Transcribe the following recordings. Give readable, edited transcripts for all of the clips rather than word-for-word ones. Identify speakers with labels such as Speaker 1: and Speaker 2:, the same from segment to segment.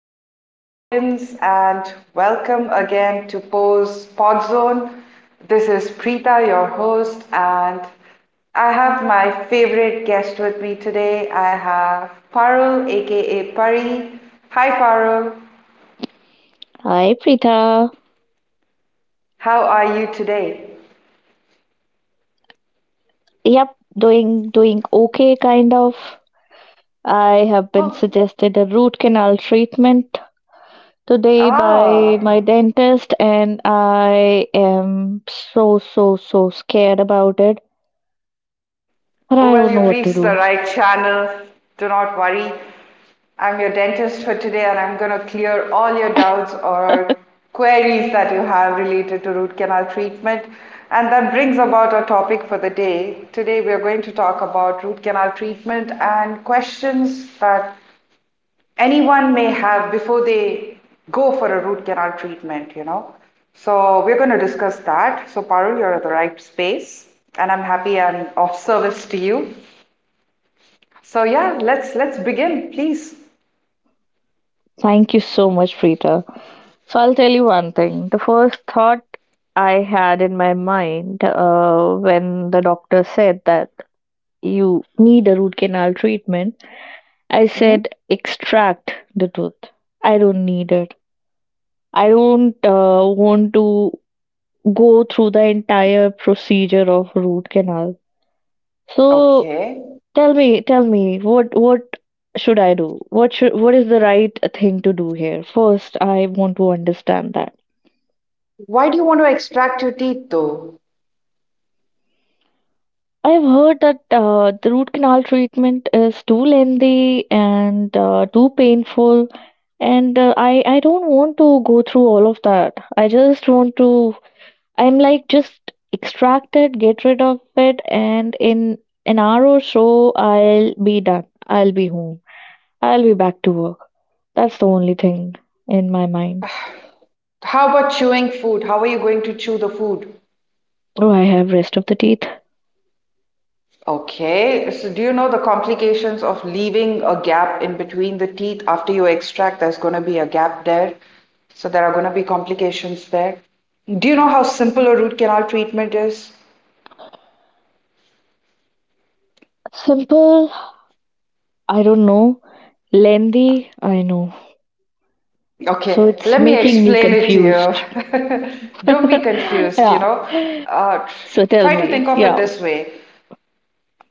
Speaker 1: evening, audience, and welcome again to Pose Podzone. This is Preeta, your host, and I have my favorite guest with me today. I have Parul, aka Pari. Hi, Parul.
Speaker 2: Hi, Preetha.
Speaker 1: How are you today?
Speaker 2: Yep, doing okay, kind of. I have been
Speaker 1: Oh,
Speaker 2: suggested a root canal treatment today by
Speaker 1: ah,
Speaker 2: my dentist, and I am so so so scared about it. But I
Speaker 1: well,
Speaker 2: don't know
Speaker 1: you've
Speaker 2: what to
Speaker 1: reached
Speaker 2: do.
Speaker 1: the right channel. Do not worry. I'm your dentist for today and I'm going to clear all your doubts or queries that you have related to root canal treatment. And that brings about our topic for the day. Today we are going to talk about root canal treatment and questions that anyone may have before they go for a root canal treatment. So we're going to discuss that. So Parul, you're at the right space and I'm happy I'm of service to you. So yeah, let's begin, please.
Speaker 2: Thank you so much, Preetha. So I'll tell you one thing. The first thought I had in my mind when the doctor said that you need a root canal treatment, I
Speaker 1: Mhm.
Speaker 2: said, extract the truth. I don't need it. I don't want to go through the entire procedure of root canal. So
Speaker 1: Okay.
Speaker 2: tell me, what should I do? What is the right thing to do here? First, I want to understand that.
Speaker 1: Why do you want to extract your teeth though?
Speaker 2: I've heard that the root canal treatment is too lengthy and too painful, and I don't want to go through all of that. I just want to, I'm like just extract it, get rid of it, and in an hour or so I'll be done. I'll be home. I'll be back to work. That's the only thing in my mind.
Speaker 1: How about chewing food? How are you going to chew the food?
Speaker 2: Oh, I have rest of the teeth.
Speaker 1: Okay. So do you know the complications of leaving a gap in between the teeth after you extract? There's going to be a gap there. So there are going to be complications there. Do you know how simple a root canal treatment is?
Speaker 2: Simple, I don't know. Lengthy, I know. So
Speaker 1: Okay,
Speaker 2: it's
Speaker 1: let me
Speaker 2: making me
Speaker 1: explain it to
Speaker 2: confused.
Speaker 1: you. Don't be confused, you
Speaker 2: Yeah.
Speaker 1: know. Uh, tr-
Speaker 2: So tell
Speaker 1: try to think
Speaker 2: me.
Speaker 1: of it
Speaker 2: Yeah.
Speaker 1: this way.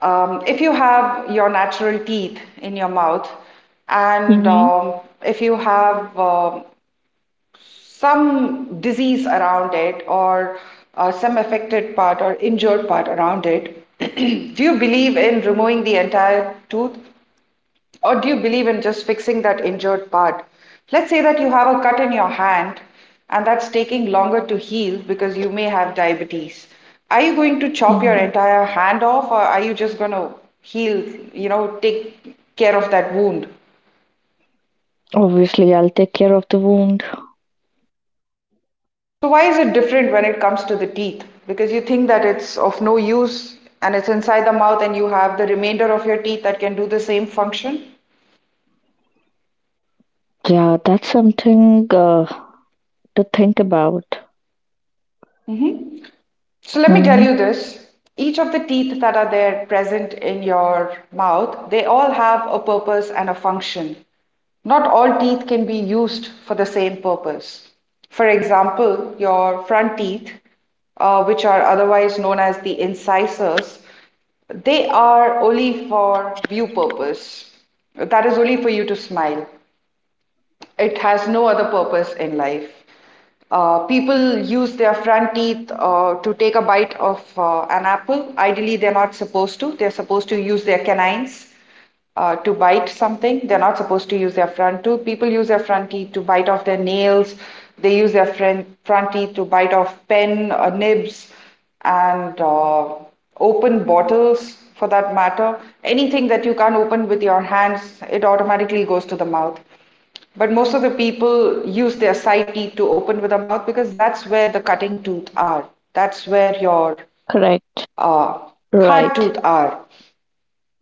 Speaker 1: If you have your natural teeth in your mouth, and
Speaker 2: Mhm.
Speaker 1: if you have some disease around it or some affected part or injured part around it, do you believe in removing the entire tooth? Or do you believe in just fixing that injured part? Let's say that you have a cut in your hand and that's taking longer to heal because you may have diabetes. Are you going to chop your
Speaker 2: Mhm.
Speaker 1: entire hand off or are you just going to heal, you know, take care of that wound?
Speaker 2: Obviously, I'll take care of the wound.
Speaker 1: So, why is it different when it comes to the teeth? Because you think that it's of no use and it's inside the mouth and you have the remainder of your teeth that can do the same function?
Speaker 2: Yeah, that's something to think about.
Speaker 1: Hmm. So let me tell
Speaker 2: Hmm.
Speaker 1: you this. Each of the teeth that are there present in your mouth, they all have a purpose and a function. Not all teeth can be used for the same purpose. For example, your front teeth, which are otherwise known as the incisors, they are only for view purpose. That is only for you to smile. It has no other purpose in life. People use their front teeth to take a bite of an apple. Ideally, they're not supposed to. They're supposed to use their canines to bite something. They're not supposed to use their front tooth. People use their front teeth to bite off their nails. They use their front teeth to bite off pen nibs and open bottles for that matter. Anything that you can't open with your hands, it automatically goes to the mouth. But most of the people use their side teeth to open with the mouth because that's where the cutting tooth are. That's where your
Speaker 2: Correct.
Speaker 1: uh, hard
Speaker 2: Right.
Speaker 1: tooth are,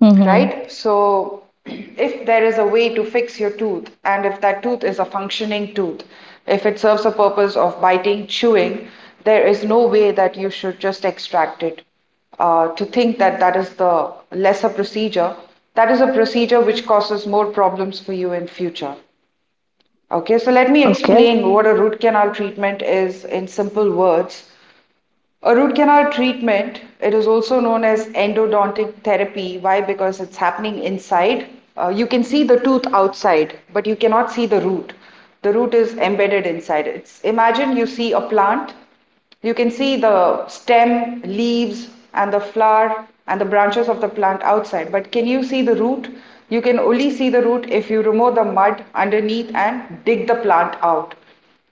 Speaker 2: Mm-hmm.
Speaker 1: right? So if there is a way to fix your tooth and if that tooth is a functioning tooth, if it serves a purpose of biting, chewing, there is no way that you should just extract it to think that that is the lesser procedure, that is a procedure which causes more problems for you in future. Okay, so let me
Speaker 2: Okay.
Speaker 1: explain what a root canal treatment is in simple words. A root canal treatment, it is also known as endodontic therapy. Why? Because it's happening inside. You can see the tooth outside, but you cannot see the root. The root is embedded inside. It's imagine you see a plant. You can see the stem, leaves, and the flower and the branches of the plant outside. But can you see the root? You can only see the root if you remove the mud underneath and dig the plant out.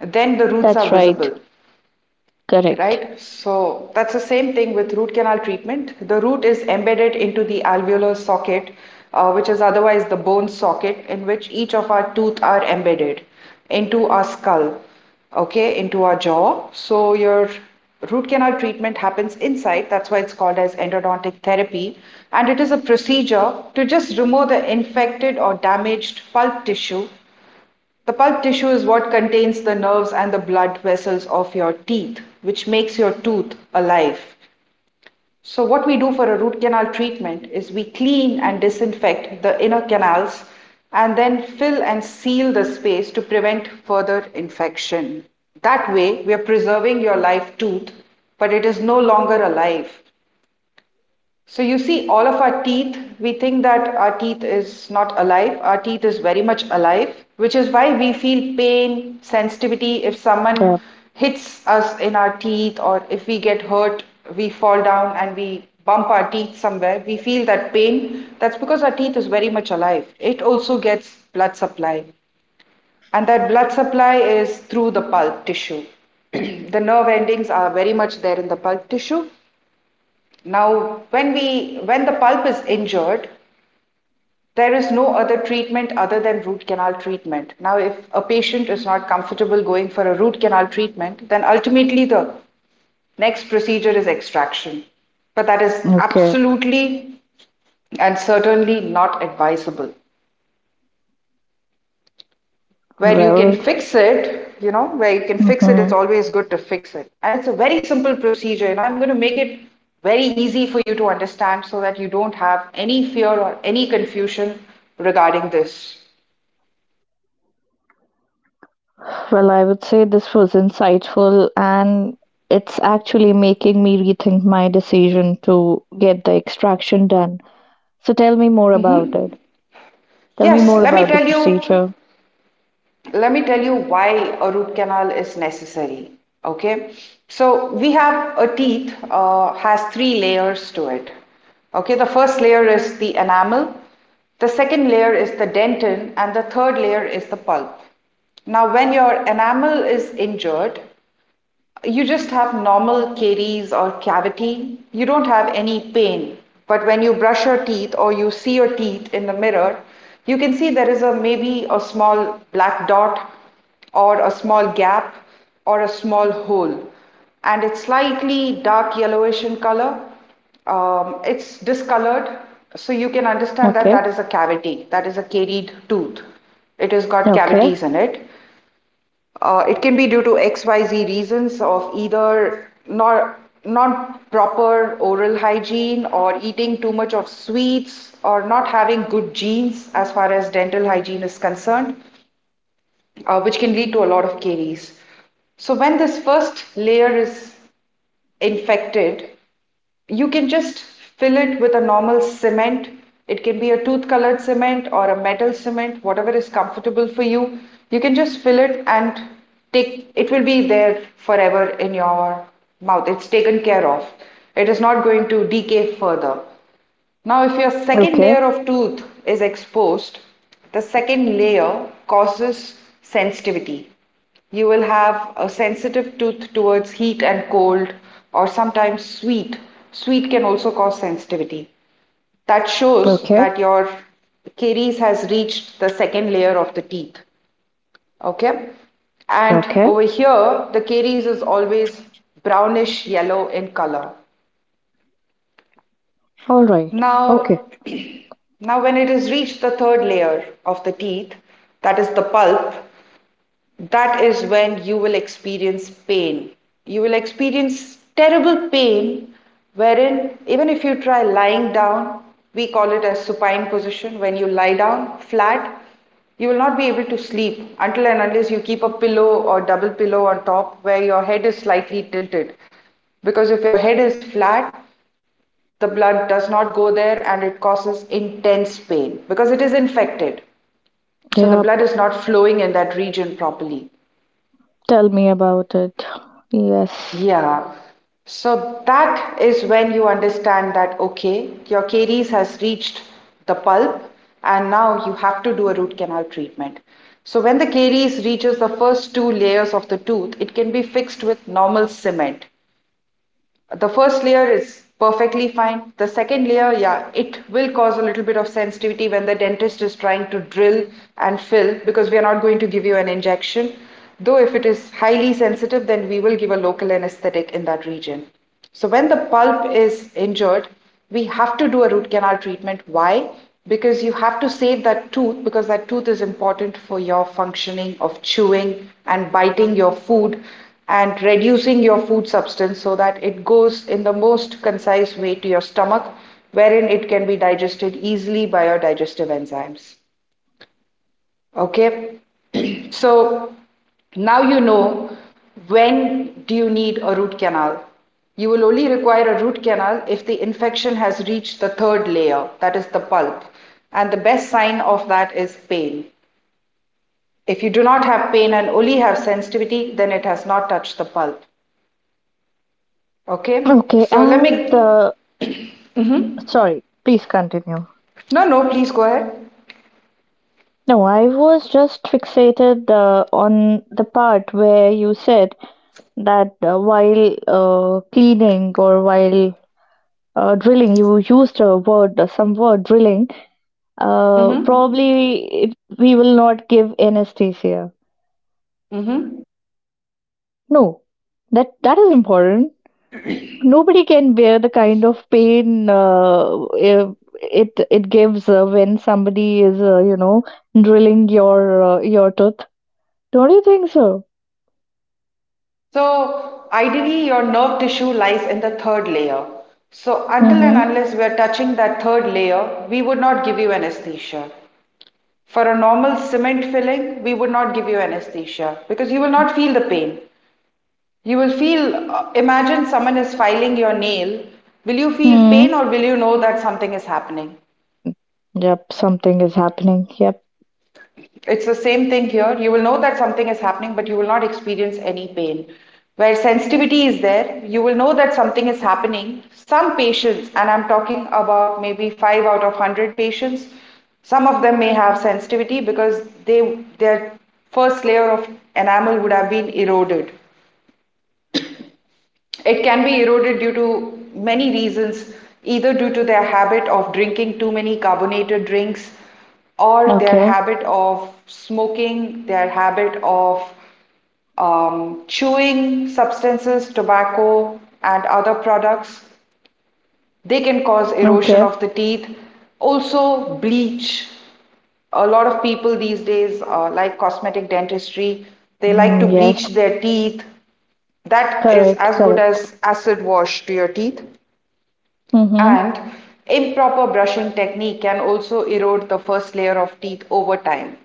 Speaker 1: Then the roots are
Speaker 2: That's right.
Speaker 1: visible.
Speaker 2: Correct.
Speaker 1: Right, so that's the same thing with root canal treatment. The root is embedded into the alveolar socket, which is otherwise the bone socket, in which each of our teeth are embedded into our skull, okay, into our jaw. So your root canal treatment happens inside. That's why it's called as endodontic therapy, and it is a procedure to just remove the infected or damaged pulp tissue. The pulp tissue is what contains the nerves and the blood vessels of your teeth, which makes your tooth alive. So, what we do for a root canal treatment is we clean and disinfect the inner canals and then fill and seal the space to prevent further infection. That way, we are preserving your live tooth, but it is no longer alive. So you see, all of our teeth, we think that our teeth is not alive. Our teeth is very much alive, which is why we feel pain, sensitivity. If
Speaker 2: Yeah.
Speaker 1: someone hits us in our teeth, or if we get hurt, we fall down and we bump our teeth somewhere, we feel that pain. That's because our teeth is very much alive. It also gets blood supply, and that blood supply is through the pulp tissue. The nerve endings are very much there in the pulp tissue. Now, when the pulp is injured, there is no other treatment other than root canal treatment. Now, if a patient is not comfortable going for a root canal treatment, then ultimately the next procedure is extraction. But that is
Speaker 2: Okay.
Speaker 1: absolutely and certainly not advisable. Where you can
Speaker 2: Well.
Speaker 1: fix it, you know, where you can fix it,
Speaker 2: Mm-hmm.
Speaker 1: it's always good to fix it. And it's a very simple procedure, and I'm going to make it very easy for you to understand so that you don't have any fear or any confusion regarding this.
Speaker 2: Well, I would say this was insightful, and it's actually making me rethink my decision to get the extraction done. So tell me more about
Speaker 1: Mm-hmm.
Speaker 2: it. Tell me
Speaker 1: Yes,
Speaker 2: more
Speaker 1: let me
Speaker 2: about the
Speaker 1: tell you,
Speaker 2: procedure.
Speaker 1: let me tell you why a root canal is necessary. Okay, so we have a teeth has three layers to it. Okay, the first layer is the enamel, the second layer is the dentin and the third layer is the pulp. Now when your enamel is injured, you just have normal caries or cavity. You don't have any pain. But when you brush your teeth or you see your teeth in the mirror, you can see there is a maybe a small black dot or a small gap or a small hole. And it's slightly dark yellowish in color. It's discolored. So you can understand that
Speaker 2: Okay.
Speaker 1: that is a cavity, that is a caried tooth. It has got
Speaker 2: Okay.
Speaker 1: cavities in it. It can be due to XYZ reasons of either not proper oral hygiene or eating too much of sweets or not having good genes as far as dental hygiene is concerned, which can lead to a lot of caries. So when this first layer is infected, you can just fill it with a normal cement. It can be a tooth colored cement or a metal cement, whatever is comfortable for you. You can just fill it and take it will be there forever in your mouth. It's taken care of. It is not going to decay further. Now, if your second
Speaker 2: Okay.
Speaker 1: layer of tooth is exposed, the second layer causes sensitivity. You will have a sensitive tooth towards heat and cold, or sometimes sweet. Sweet can also cause sensitivity. That shows
Speaker 2: Okay.
Speaker 1: that your caries has reached the second layer of the teeth. Okay, and
Speaker 2: Okay.
Speaker 1: over here, the caries is always brownish yellow in color.
Speaker 2: All right. Okay.
Speaker 1: Now, now when it has reached the third layer of the teeth, that is the pulp, that is when you will experience pain. You will experience terrible pain wherein even if you try lying down, we call it as supine position, when you lie down flat, you will not be able to sleep until and unless you keep a pillow or double pillow on top where your head is slightly tilted. Because if your head is flat, the blood does not go there and it causes intense pain because it is infected. So the blood
Speaker 2: Yep.
Speaker 1: is not flowing in that region properly.
Speaker 2: Tell me about it. Yes.
Speaker 1: Yeah. So that is when you understand that, okay, your caries has reached the pulp and now you have to do a root canal treatment. So when the caries reaches the first two layers of the tooth, it can be fixed with normal cement. The first layer is perfectly fine. The second layer, yeah, it will cause a little bit of sensitivity when the dentist is trying to drill and fill because we are not going to give you an injection. Though if it is highly sensitive, then we will give a local anesthetic in that region. So when the pulp is injured, we have to do a root canal treatment. Why? Because you have to save that tooth because that tooth is important for your functioning of chewing and biting your food and reducing your food substance so that it goes in the most concise way to your stomach wherein it can be digested easily by your digestive enzymes. Okay? So now you know when do you need a root canal. You will only require a root canal if the infection has reached the third layer, that is the pulp. And the best sign of that is pain. If you do not have pain and only have sensitivity, then it has not touched the pulp. Okay,
Speaker 2: Okay,
Speaker 1: so let
Speaker 2: and
Speaker 1: me.
Speaker 2: sorry, please continue.
Speaker 1: No, no, please go ahead.
Speaker 2: No, I was just fixated on the part where you said that while cleaning or while drilling, you used a word, some word drilling.
Speaker 1: Mm hmm.
Speaker 2: Probably it, we will not give anesthesia.
Speaker 1: Mm hmm.
Speaker 2: No, that that is important, nobody can bear the kind of pain it gives when somebody is drilling your tooth, don't you think so?
Speaker 1: So, ideally, your nerve tissue lies in the third layer. So, until and
Speaker 2: Mm-hmm.
Speaker 1: unless we are touching that third layer, we would not give you anesthesia. For a normal cement filling, we would not give you anesthesia because you will not feel the pain. You will feel, imagine someone is filing your nail. Will you feel pain
Speaker 2: Hmm.
Speaker 1: or will you know that something is happening?
Speaker 2: Yep, something is happening. Yep.
Speaker 1: It's the same thing here. You will know that something is happening, but you will not experience any pain. Where sensitivity is there, you will know that something is happening. Some patients, and I'm talking about maybe 5 out of 100 patients, some of them may have sensitivity because their first layer of enamel would have been eroded. It can be eroded due to many reasons, either due to their habit of drinking too many carbonated drinks, or their
Speaker 2: Okay.
Speaker 1: habit of smoking, their habit of chewing substances, tobacco, and other products. They can cause erosion
Speaker 2: Okay.
Speaker 1: of the teeth. Also, bleach. A lot of people these days like cosmetic dentistry. They like to
Speaker 2: Mm, yes.
Speaker 1: bleach their teeth. That is
Speaker 2: Correct,
Speaker 1: as good
Speaker 2: correct.
Speaker 1: as acid wash to your teeth.
Speaker 2: Mm-hmm.
Speaker 1: And improper brushing technique can also erode the first layer of teeth over time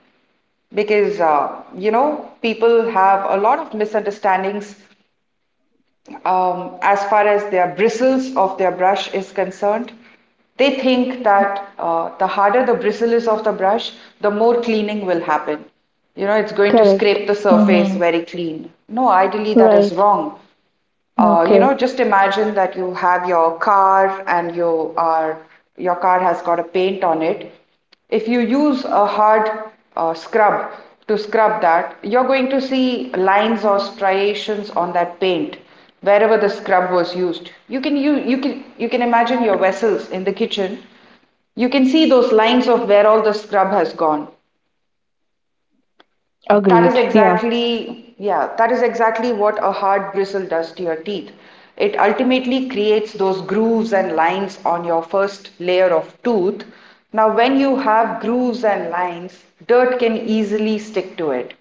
Speaker 1: because you know, people have a lot of misunderstandings as far as their bristles of their brush is concerned. They think that the harder the bristle is of the brush, the more cleaning will happen. You know, it's going to
Speaker 2: Correct.
Speaker 1: scrape the surface
Speaker 2: Mm-hmm.
Speaker 1: very clean. No, ideally, that is
Speaker 2: Right.
Speaker 1: wrong. You know,
Speaker 2: Okay.
Speaker 1: just imagine that you have your car and you are your car has got a paint on it. If you use a hard scrub to scrub that, you're going to see lines or striations on that paint wherever the scrub was used. You can imagine your vessels in the kitchen. You can see those lines of where all the scrub has gone. That is
Speaker 2: Agreed, yeah.
Speaker 1: exactly, yeah, that is exactly what a hard bristle does to your teeth. It ultimately creates those grooves and lines on your first layer of tooth. Now, when you have grooves and lines, dirt can easily stick to it.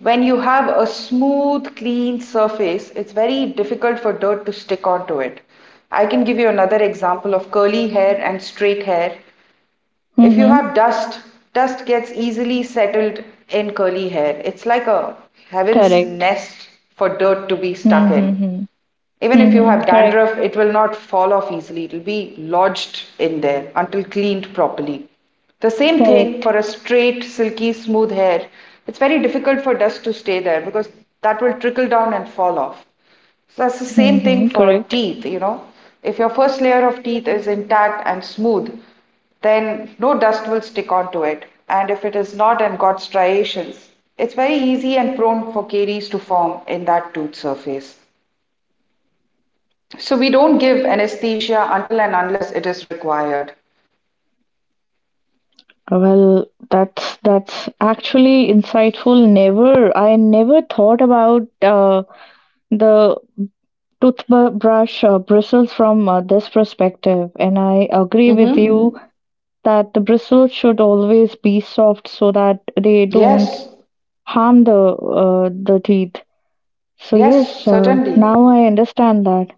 Speaker 1: When you have a smooth, clean surface, it's very difficult for dirt to stick onto it. I can give you another example of curly hair and straight hair. If you
Speaker 2: Mm-hmm.
Speaker 1: have dust, dust gets easily settled in curly hair. It's like a heaven's
Speaker 2: Correct.
Speaker 1: nest for dirt to be stuck in.
Speaker 2: Mm-hmm.
Speaker 1: Even if you
Speaker 2: Mm-hmm.
Speaker 1: have
Speaker 2: Correct,
Speaker 1: dandruff, it will not fall off easily. It will be lodged in there until cleaned properly. The same thing
Speaker 2: correct.
Speaker 1: for a straight, silky, smooth hair. It's very difficult for dust to stay there because that will trickle down and fall off. So that's the same thing
Speaker 2: Mm-hmm.
Speaker 1: for
Speaker 2: Correct.
Speaker 1: teeth, you know. If your first layer of teeth is intact and smooth, then no dust will stick onto it. And if it is not and got striations, it's very easy and prone for caries to form in that tooth surface. So we don't give anesthesia until and unless it is required.
Speaker 2: Well, that's actually insightful. Never, I never thought about the toothbrush bristles from this perspective, and I agree with you
Speaker 1: Mm-hmm.
Speaker 2: that the bristles should always be soft so that they don't
Speaker 1: Yes.
Speaker 2: harm the teeth. So
Speaker 1: Yes,
Speaker 2: yes,
Speaker 1: certainly.
Speaker 2: now I understand that.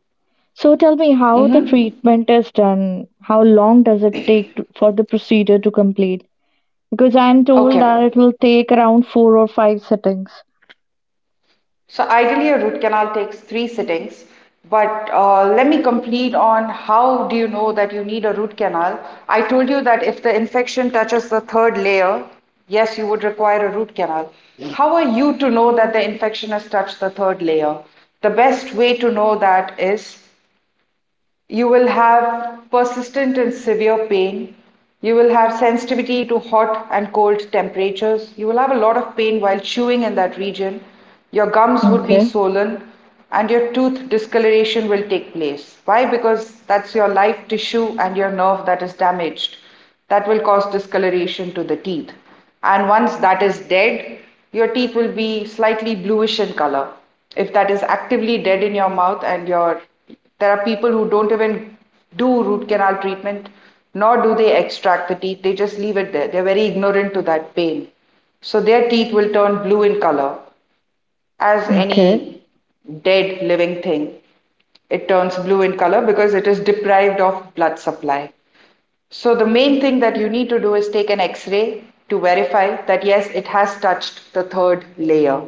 Speaker 2: So tell me how the
Speaker 1: Mm-hmm.
Speaker 2: treatment is done. How long does it take to, for the procedure to complete? Because I'm told that
Speaker 1: Okay.
Speaker 2: it will take around four or five sittings.
Speaker 1: So ideally, a root canal takes three sittings, but let me complete on how do you know that you need a root canal? I told you that if the infection touches the third layer, yes, you would require a root canal. How are you to know that the infection has touched the third layer? The best way to know that is you will have persistent and severe pain. You will have sensitivity to hot and cold temperatures. You will have a lot of pain while chewing in that region. Your gums would be
Speaker 2: Okay.
Speaker 1: swollen and your tooth discoloration will take place. Why? Because that's your live tissue and your nerve that is damaged. That will cause discoloration to the teeth, and once that is dead, your teeth will be slightly bluish in color. If that is actively dead in your mouth and your there are people who don't even do root canal treatment, nor do they extract the teeth, they just leave it there. They're very ignorant to that pain. So their teeth will turn blue in color as
Speaker 2: Okay.
Speaker 1: any dead living thing. It turns blue in color because it is deprived of blood supply. So the main thing that you need to do is take an x-ray to verify that yes, it has touched the third layer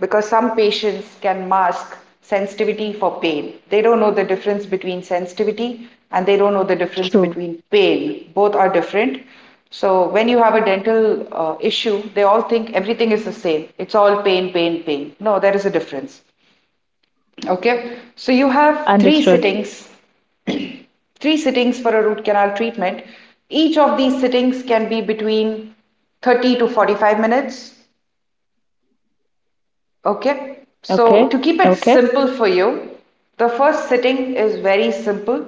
Speaker 1: because some patients can mask sensitivity for pain. They don't know the difference between sensitivity and they don't know the difference
Speaker 2: True.
Speaker 1: between pain. Both are different. So when you have a dental issue, they all think everything is the same. It's all pain, pain, pain. No, there is a difference. Okay. So you have three
Speaker 2: Understood.
Speaker 1: sittings, for a root canal treatment. Each of these sittings can be between 30 to 45 minutes. Okay, so
Speaker 2: Okay.
Speaker 1: to keep it
Speaker 2: Okay.
Speaker 1: simple for you, the first sitting is very simple.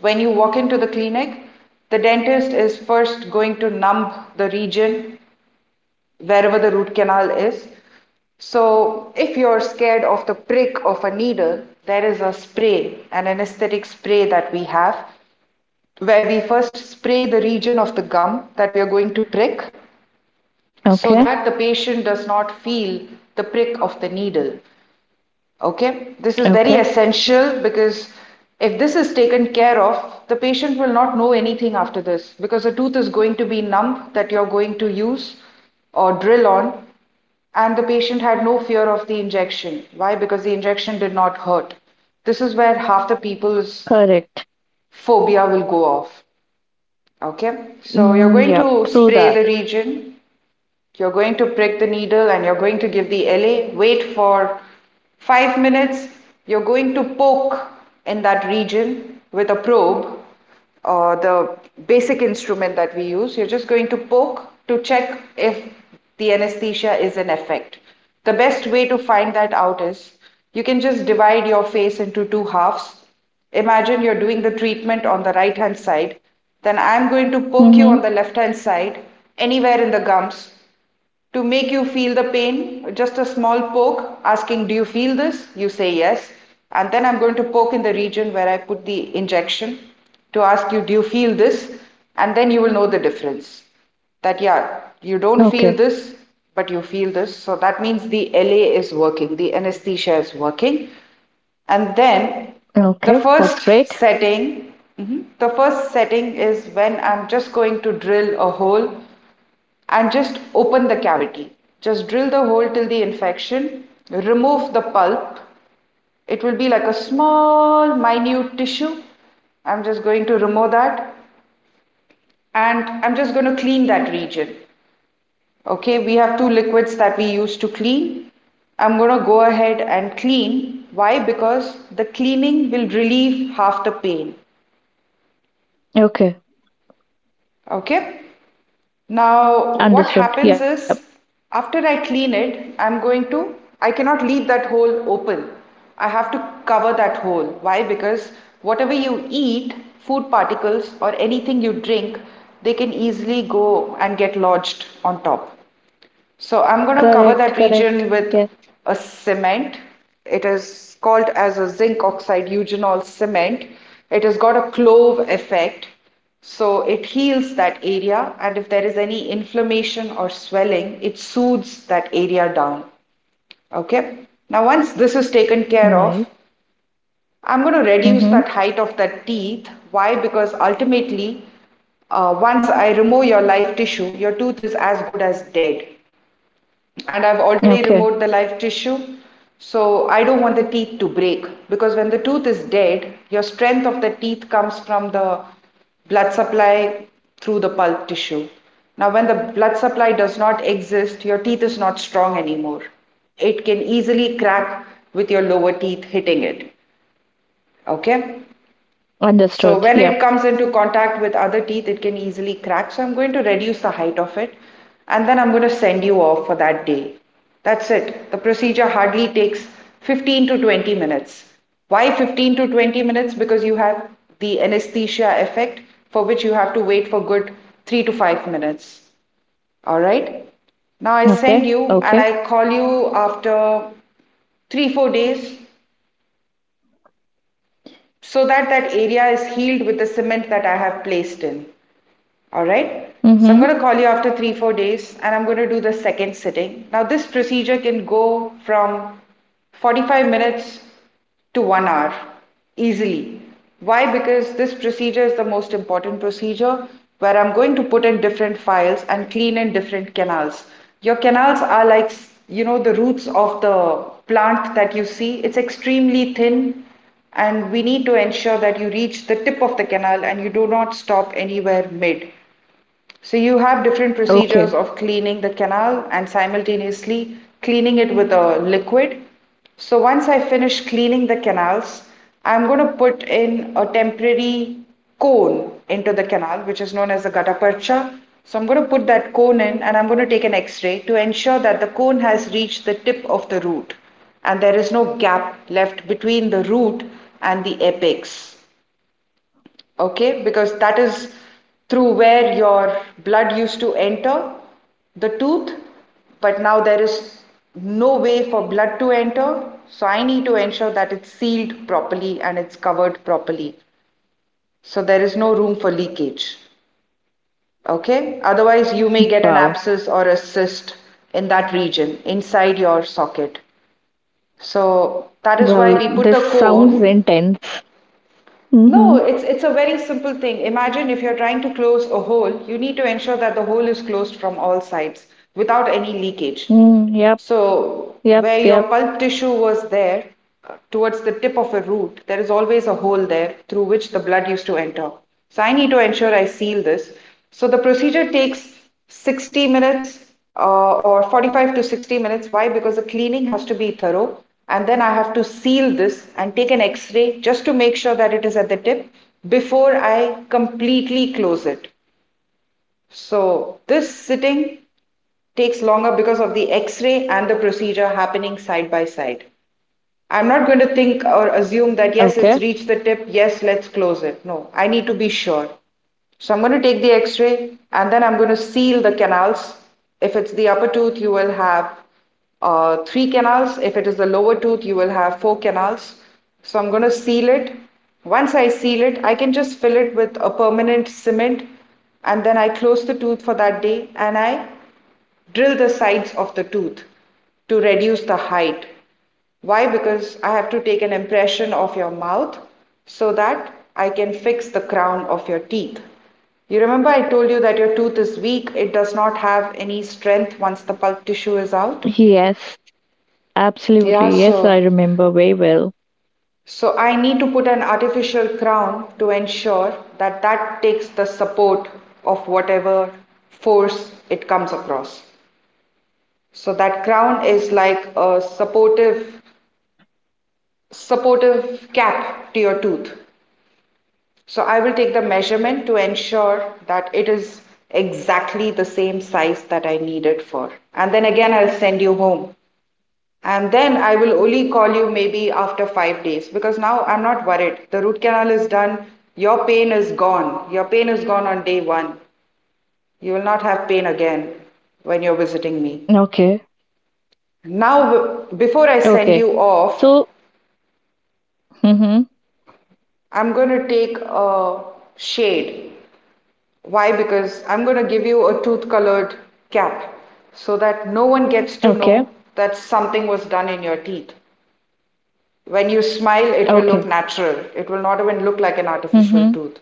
Speaker 1: When you walk into the clinic, the dentist is first going to numb the region wherever the root canal is. So, if you're scared of the prick of a needle, there is a spray, an anesthetic spray that we have, where we first spray the region of the gum that we are going to prick so
Speaker 2: Okay.
Speaker 1: that the patient does not feel the prick of the needle. Okay, this is
Speaker 2: Okay.
Speaker 1: very essential because if this is taken care of, the patient will not know anything after this because the tooth is going to be numb that you're going to use or drill on, and the patient had no fear of the injection. Why? Because the injection did not hurt. This is where half the people's
Speaker 2: Correct.
Speaker 1: phobia will go off. Okay, so you're
Speaker 2: Mm,
Speaker 1: going
Speaker 2: yeah.
Speaker 1: to
Speaker 2: True
Speaker 1: spray
Speaker 2: that.
Speaker 1: the region, you're going to prick the needle and you're going to give the LA. Wait for 5 minutes. You're going to poke in that region with a probe, the basic instrument that we use. You're just going to poke to check if the anesthesia is in effect. The best way to find that out is you can just divide your face into two halves. Imagine you're doing the treatment on the right hand side. Then I'm going to poke you on
Speaker 2: Mm-hmm.
Speaker 1: the left hand side, anywhere in the gums, to make you feel the pain, just a small poke asking, do you feel this? You say yes. And then I'm going to poke in the region where I put the injection to ask you, do you feel this? And then you will know the difference. That, yeah, you don't feel
Speaker 2: Okay.
Speaker 1: this, but you feel this. So that means the LA is working, the anesthesia is working. And then
Speaker 2: Okay.
Speaker 1: the
Speaker 2: That's
Speaker 1: first
Speaker 2: great.
Speaker 1: setting, mhm, the first setting is when I'm just going to drill a hole and just open the cavity. Just drill the hole till the infection, remove the pulp. It will be like a small, minute tissue. I'm just going to remove that and I'm just going to clean that region. Okay, we have two liquids that we use to clean. I'm going to go ahead and clean. Why? Because the cleaning will relieve half the pain.
Speaker 2: Okay.
Speaker 1: Okay. Now, what
Speaker 2: Understood.
Speaker 1: happens
Speaker 2: Yep.
Speaker 1: is after I clean it, I cannot leave that hole open. I have to cover that hole. Why? Because whatever you eat, food particles or anything you drink, they can easily go and get lodged on top. So I'm going to cover
Speaker 2: Correct.
Speaker 1: that
Speaker 2: Correct.
Speaker 1: region with
Speaker 2: Yes.
Speaker 1: a cement. It is called as a zinc oxide eugenol cement. It has got a clove effect. So it heals that area, and if there is any inflammation or swelling, it soothes that area down. Okay. Now, once this is taken care of,
Speaker 2: Nice.
Speaker 1: I'm going to reduce
Speaker 2: Mm-hmm.
Speaker 1: that height of that teeth. Why? Because ultimately, once I remove your live tissue, your tooth is as good as dead and I've already
Speaker 2: Okay.
Speaker 1: removed the live tissue. So I don't want the teeth to break because when the tooth is dead, your strength of the teeth comes from the blood supply through the pulp tissue. Now, when the blood supply does not exist, your teeth is not strong anymore. It can easily crack with your lower teeth hitting it. Okay? So
Speaker 2: Understood.
Speaker 1: when it
Speaker 2: Yep.
Speaker 1: comes into contact with other teeth, it can easily crack. So I'm going to reduce the height of it and then I'm going to send you off for that day. That's it. The procedure hardly takes 15 to 20 minutes. Why 15 to 20 minutes? Because you have the anesthesia effect for which you have to wait for good 3 to 5 minutes. All right. Now I
Speaker 2: Okay.
Speaker 1: send you and
Speaker 2: Okay.
Speaker 1: I call you after 3 to 4 days so that area is healed with the cement that I have placed in. All right. So I'm
Speaker 2: Mm-hmm.
Speaker 1: going to call you after three, 4 days and I'm going to do the second sitting. Now, this procedure can go from 45 minutes to one hour easily. Why? Because this procedure is the most important procedure where I'm going to put in different files and clean in different canals. Your canals are like, you know, the roots of the plant that you see. It's extremely thin, and we need to ensure that you reach the tip of the canal and you do not stop anywhere mid. So you have different procedures
Speaker 2: Okay.
Speaker 1: of cleaning the canal and simultaneously cleaning it with a liquid. So once I finish cleaning the canals, I'm going to put in a temporary cone into the canal, which is known as the gutta percha. So I'm going to put that cone in and I'm going to take an x-ray to ensure that the cone has reached the tip of the root and there is no gap left between the root and the apex, okay, because that is through where your blood used to enter the tooth, but now there is no way for blood to enter. So I need to ensure that it's sealed properly and it's covered properly so there is no room for leakage. Okay, otherwise you may get an
Speaker 2: Wow.
Speaker 1: abscess or a cyst in that region inside your socket. So that is why
Speaker 2: Well,
Speaker 1: we put
Speaker 2: this
Speaker 1: the
Speaker 2: sounds
Speaker 1: cone.
Speaker 2: intense.
Speaker 1: No,
Speaker 2: Mm-hmm.
Speaker 1: it's a very simple thing. Imagine if you're trying to close a hole, you need to ensure that the hole is closed from all sides without any leakage.
Speaker 2: Mm, yep.
Speaker 1: So
Speaker 2: Yep,
Speaker 1: where your
Speaker 2: yep.
Speaker 1: pulp tissue was there, towards the tip of a root, there is always a hole there through which the blood used to enter. So I need to ensure I seal this. So the procedure takes 60 minutes, or 45 to 60 minutes. Why? Because the cleaning has to be thorough. And then I have to seal this and take an x ray just to make sure that it is at the tip before I completely close it. So this sitting takes longer because of the x ray and the procedure happening side by side. I'm not going to think or assume
Speaker 2: Okay.
Speaker 1: that, yes, it's reached the tip, yes, let's close it. No, I need to be sure. So I'm going to take the x ray and then I'm going to seal the canals. If it's the upper tooth, you will have three canals. If it is the lower tooth, you will have four canals. So I'm going to seal it. Once I seal it, I can just fill it with a permanent cement and then I close the tooth for that day and I drill the sides of the tooth to reduce the height. Why? Because I have to take an impression of your mouth so that I can fix the crown of your teeth. You remember I told you that your tooth is weak, it does not have any strength once the pulp tissue is out?
Speaker 2: Yes,
Speaker 1: Yeah,
Speaker 2: absolutely. Yes, I
Speaker 1: so
Speaker 2: remember very well.
Speaker 1: I need to put an artificial crown to ensure that that takes the support of whatever force it comes across. So that crown is like a supportive cap to your tooth. So I will take the measurement to ensure that it is exactly the same size that I need it for. And then again I'll send you home. And then I will only call you maybe after 5 days because now I'm not worried. The root canal is done. Your pain is gone. Your pain is gone on day 1. You will not have pain again when you're visiting me.
Speaker 2: Okay.
Speaker 1: Now, before I send
Speaker 2: Okay.
Speaker 1: you off,
Speaker 2: So, mm-hmm.
Speaker 1: I'm going to take a shade. Why? Because I'm going to give you a tooth colored cap so that no one gets to know
Speaker 2: Okay.
Speaker 1: that something was done in your teeth. When you smile, it will look
Speaker 2: Okay.
Speaker 1: natural. It will not even look like an artificial
Speaker 2: Mm-hmm.
Speaker 1: tooth,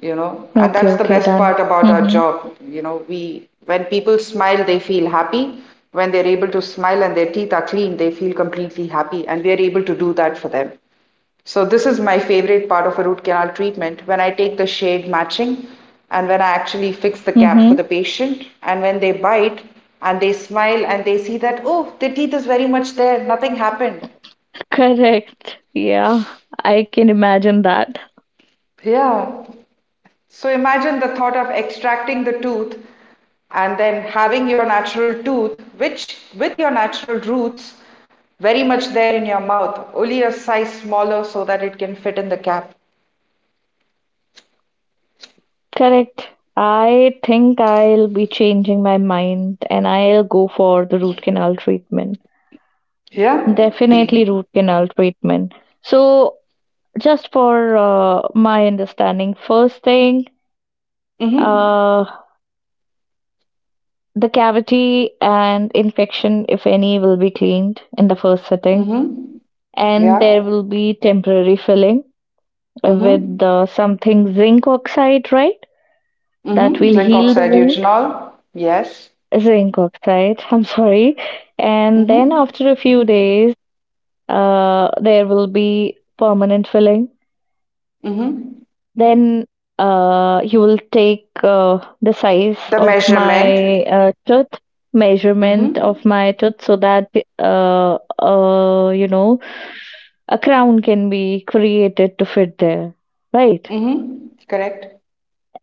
Speaker 1: And
Speaker 2: Okay,
Speaker 1: that's the
Speaker 2: okay,
Speaker 1: best
Speaker 2: done.
Speaker 1: part about our
Speaker 2: Mm-hmm.
Speaker 1: job. We when people smile, they feel happy. When they're able to smile and their teeth are clean, they feel completely happy. And we are able to do that for them. So this is my favorite part of a root canal treatment when I take the shade matching and when I actually fix the cap for the
Speaker 2: Mm-hmm.
Speaker 1: patient and when they bite and they smile and they see that, oh, their teeth is very much there, nothing happened.
Speaker 2: Correct. Yeah, I can imagine that.
Speaker 1: Yeah. So imagine the thought of extracting the tooth and then having your natural tooth which with your natural roots very much there in your mouth, only a size smaller so that it can fit in the cap.
Speaker 2: Correct. I think I'll be changing my mind and I'll go for the root canal treatment.
Speaker 1: Yeah.
Speaker 2: Definitely root canal treatment. So, just for my understanding, first thing,
Speaker 1: Mhm.
Speaker 2: Uh, the cavity and infection, if any, will be cleaned in the first sitting,
Speaker 1: Mhm.
Speaker 2: and
Speaker 1: Yeah.
Speaker 2: there will be temporary filling with
Speaker 1: Mm-hmm.
Speaker 2: something zinc oxide, right? That
Speaker 1: Mm-hmm.
Speaker 2: will
Speaker 1: Zinc
Speaker 2: heal the
Speaker 1: oxide
Speaker 2: wound.
Speaker 1: eugenol. Yes.
Speaker 2: Zinc oxide, I'm sorry. And then
Speaker 1: Mm-hmm.
Speaker 2: after a few days, there will be permanent filling.
Speaker 1: Mm-hmm.
Speaker 2: Then you will take the size
Speaker 1: The
Speaker 2: of my
Speaker 1: measurement.
Speaker 2: tooth, measurement of
Speaker 1: Mm-hmm.
Speaker 2: my tooth, so that uh, uh, you know a crown can be created to fit there, right?
Speaker 1: Mm-hmm. Correct.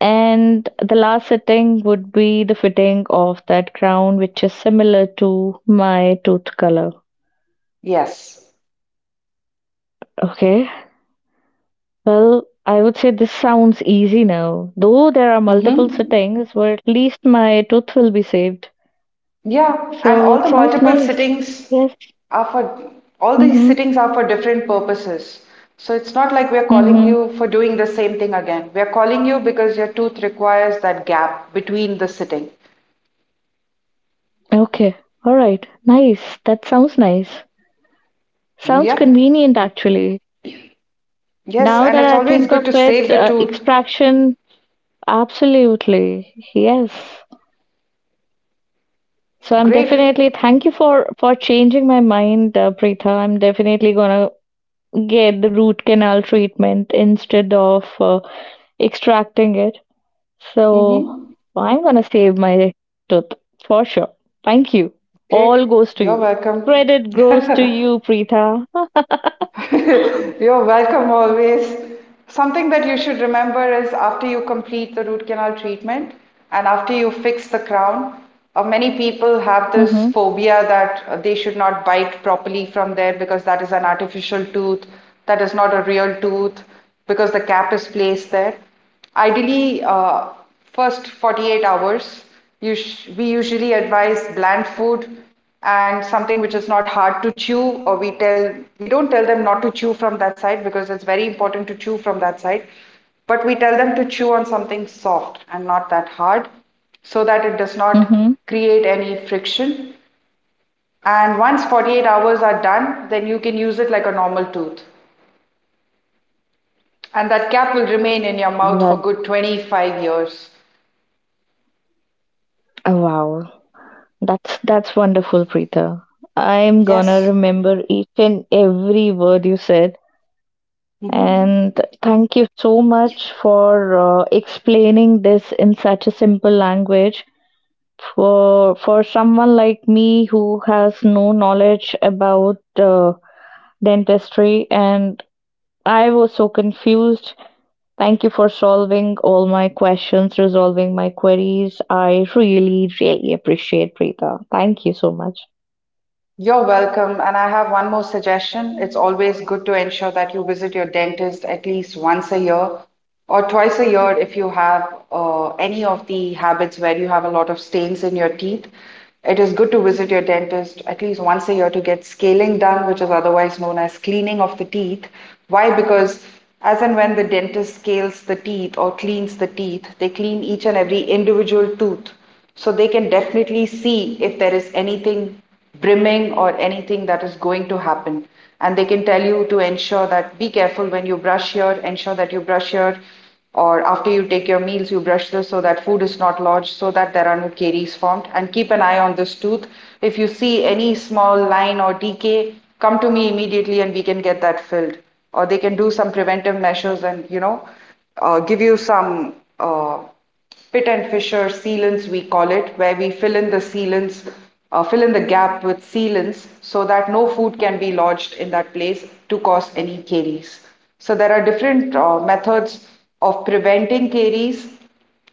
Speaker 2: And the last setting would be the fitting of that crown, which is similar to my tooth color.
Speaker 1: Yes.
Speaker 2: Okay. Well, I would say this sounds easy now. Though there are multiple
Speaker 1: Mm-hmm.
Speaker 2: settings, but at least my tooth will be saved.
Speaker 1: Yeah. And
Speaker 2: So
Speaker 1: all
Speaker 2: it
Speaker 1: the
Speaker 2: sounds
Speaker 1: multiple
Speaker 2: nice.
Speaker 1: sittings
Speaker 2: Yes.
Speaker 1: are for
Speaker 2: Mhm.
Speaker 1: different purposes. So it's not like we're calling
Speaker 2: Mhm.
Speaker 1: you for doing the same thing again. We're calling you because your tooth requires that gap between the sitting.
Speaker 2: Okay. All right. Nice. That sounds nice. Sounds
Speaker 1: Yep.
Speaker 2: convenient actually.
Speaker 1: Yes.
Speaker 2: Now
Speaker 1: And
Speaker 2: that
Speaker 1: it's
Speaker 2: I
Speaker 1: always
Speaker 2: think
Speaker 1: good
Speaker 2: of
Speaker 1: to save
Speaker 2: it,
Speaker 1: the tooth.
Speaker 2: extraction, absolutely. Yes. So I'm
Speaker 1: Great.
Speaker 2: definitely, thank you for changing my mind, Preetha. I'm definitely going to get the root canal treatment instead of extracting it. So
Speaker 1: Mm-hmm.
Speaker 2: I'm gonna save my tooth for sure. Thank you.
Speaker 1: Great,
Speaker 2: All goes to
Speaker 1: you're
Speaker 2: you.
Speaker 1: welcome.
Speaker 2: Credit goes to you, Preetha.
Speaker 1: You're welcome always. Something that you should remember is after you complete the root canal treatment and after you fix the crown, many people have this
Speaker 2: Mhm.
Speaker 1: phobia that they should not bite properly from there because that is an artificial tooth, that is not a real tooth, because the cap is placed there. Ideally, first 48 hours, you sh we usually advise bland food and something which is not hard to chew, or we don't tell them not to chew from that side because it's very important to chew from that side, but we tell them to chew on something soft and not that hard so that it does not
Speaker 2: Mhm.
Speaker 1: create any friction. And once 48 hours are done, then you can use it like a normal tooth. And that cap will remain in your mouth for
Speaker 2: Well,
Speaker 1: good 25 years.
Speaker 2: oh, wow. That's wonderful, Preetha. I'm gonna
Speaker 1: Yes.
Speaker 2: remember each and every word you said.
Speaker 1: Mhm.
Speaker 2: And thank you so much for explaining this in such a simple language for someone like me who has no knowledge about uh, dentistry, and I was so confused. Thank you for solving all my questions, resolving my queries. I really really appreciate, Preeta. Thank you so much.
Speaker 1: You're welcome. And I have one more suggestion. It's always good to ensure that you visit your dentist at least once a year or twice a year if you have any of the habits where you have a lot of stains in your teeth. It is good to visit your dentist at least once a year to get scaling done, which is otherwise known as cleaning of the teeth. Why? Because as and when the dentist scales the teeth or cleans the teeth, they clean each and every individual tooth, so they can definitely see if there is anything brimming or anything that is going to happen, and they can tell you to ensure that be careful when you brush here, ensure that you brush here or after you take your meals you brush this so that food is not lodged, so that there are no caries formed and keep an eye on this tooth. If you see any small line or decay, come to me immediately and we can get that filled, or they can do some preventive measures and, you know, give you some uh, pit and fissure sealants, we call it, where we fill in the sealants, fill in the gap with sealants so that no food can be lodged in that place to cause any caries. So there are different methods of preventing caries,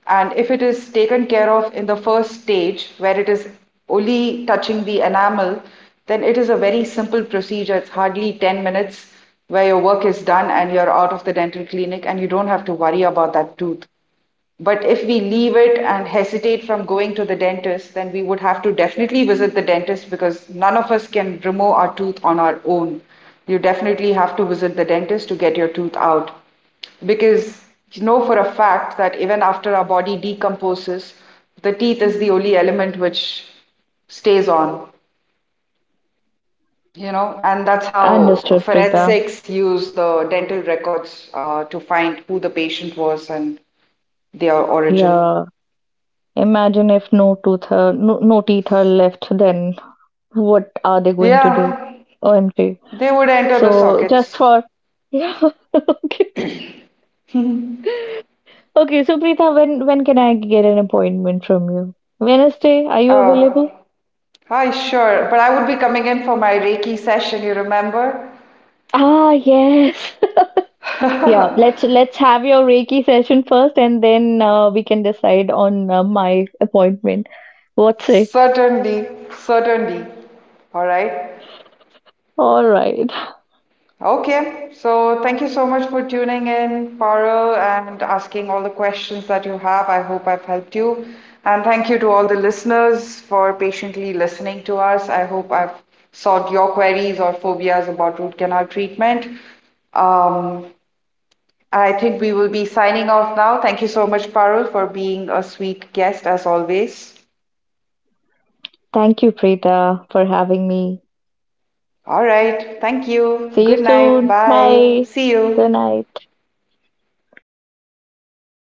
Speaker 1: and if it is taken care of in the first stage, where it is only touching the enamel, then it is a very simple procedure. It's hardly 10 minutes where your work is done and you're out of the dental clinic and you don't have to worry about that tooth. But if we leave it and hesitate from going to the dentist, then we would have to definitely visit the dentist because none of us can remove our tooth on our own. You definitely have to visit the dentist to get your tooth out. Because you know for a fact that even after our body decomposes, the teeth is the only element which stays on, you know, and that's how
Speaker 2: Understood, Preeta.
Speaker 1: forensics use the dental records to find who the patient was and their origin.
Speaker 2: Yeah, imagine if no tooth are, no, no teeth are left, then what are they going to do?
Speaker 1: Yeah.
Speaker 2: OMG.
Speaker 1: They would enter the
Speaker 2: So just
Speaker 1: sockets.
Speaker 2: for yeah. Okay. Okay, so Preetha, when can I get an appointment from you? Wednesday, are you
Speaker 1: Oh,
Speaker 2: available?
Speaker 1: hi, sure. But I would be coming in for my Reiki session, you remember?
Speaker 2: Ah, yes. Yeah, let's have your Reiki session first, and then we can decide on my appointment. What say?
Speaker 1: Certainly, certainly. All right.
Speaker 2: All right.
Speaker 1: Okay. So thank you so much for tuning in, Paro, and asking all the questions that you have. I hope I've helped you. And thank you to all the listeners for patiently listening to us. I hope I've solved your queries or phobias about root canal treatment. Um, I think we will be signing off now. Thank you so much, Parul, for being a sweet guest as always.
Speaker 2: Thank you, Preetha, for having me.
Speaker 1: All right. Thank you.
Speaker 2: See
Speaker 1: Good
Speaker 2: you
Speaker 1: night.
Speaker 2: soon.
Speaker 1: Bye.
Speaker 2: Bye.
Speaker 1: See
Speaker 2: Good
Speaker 1: you.
Speaker 2: night.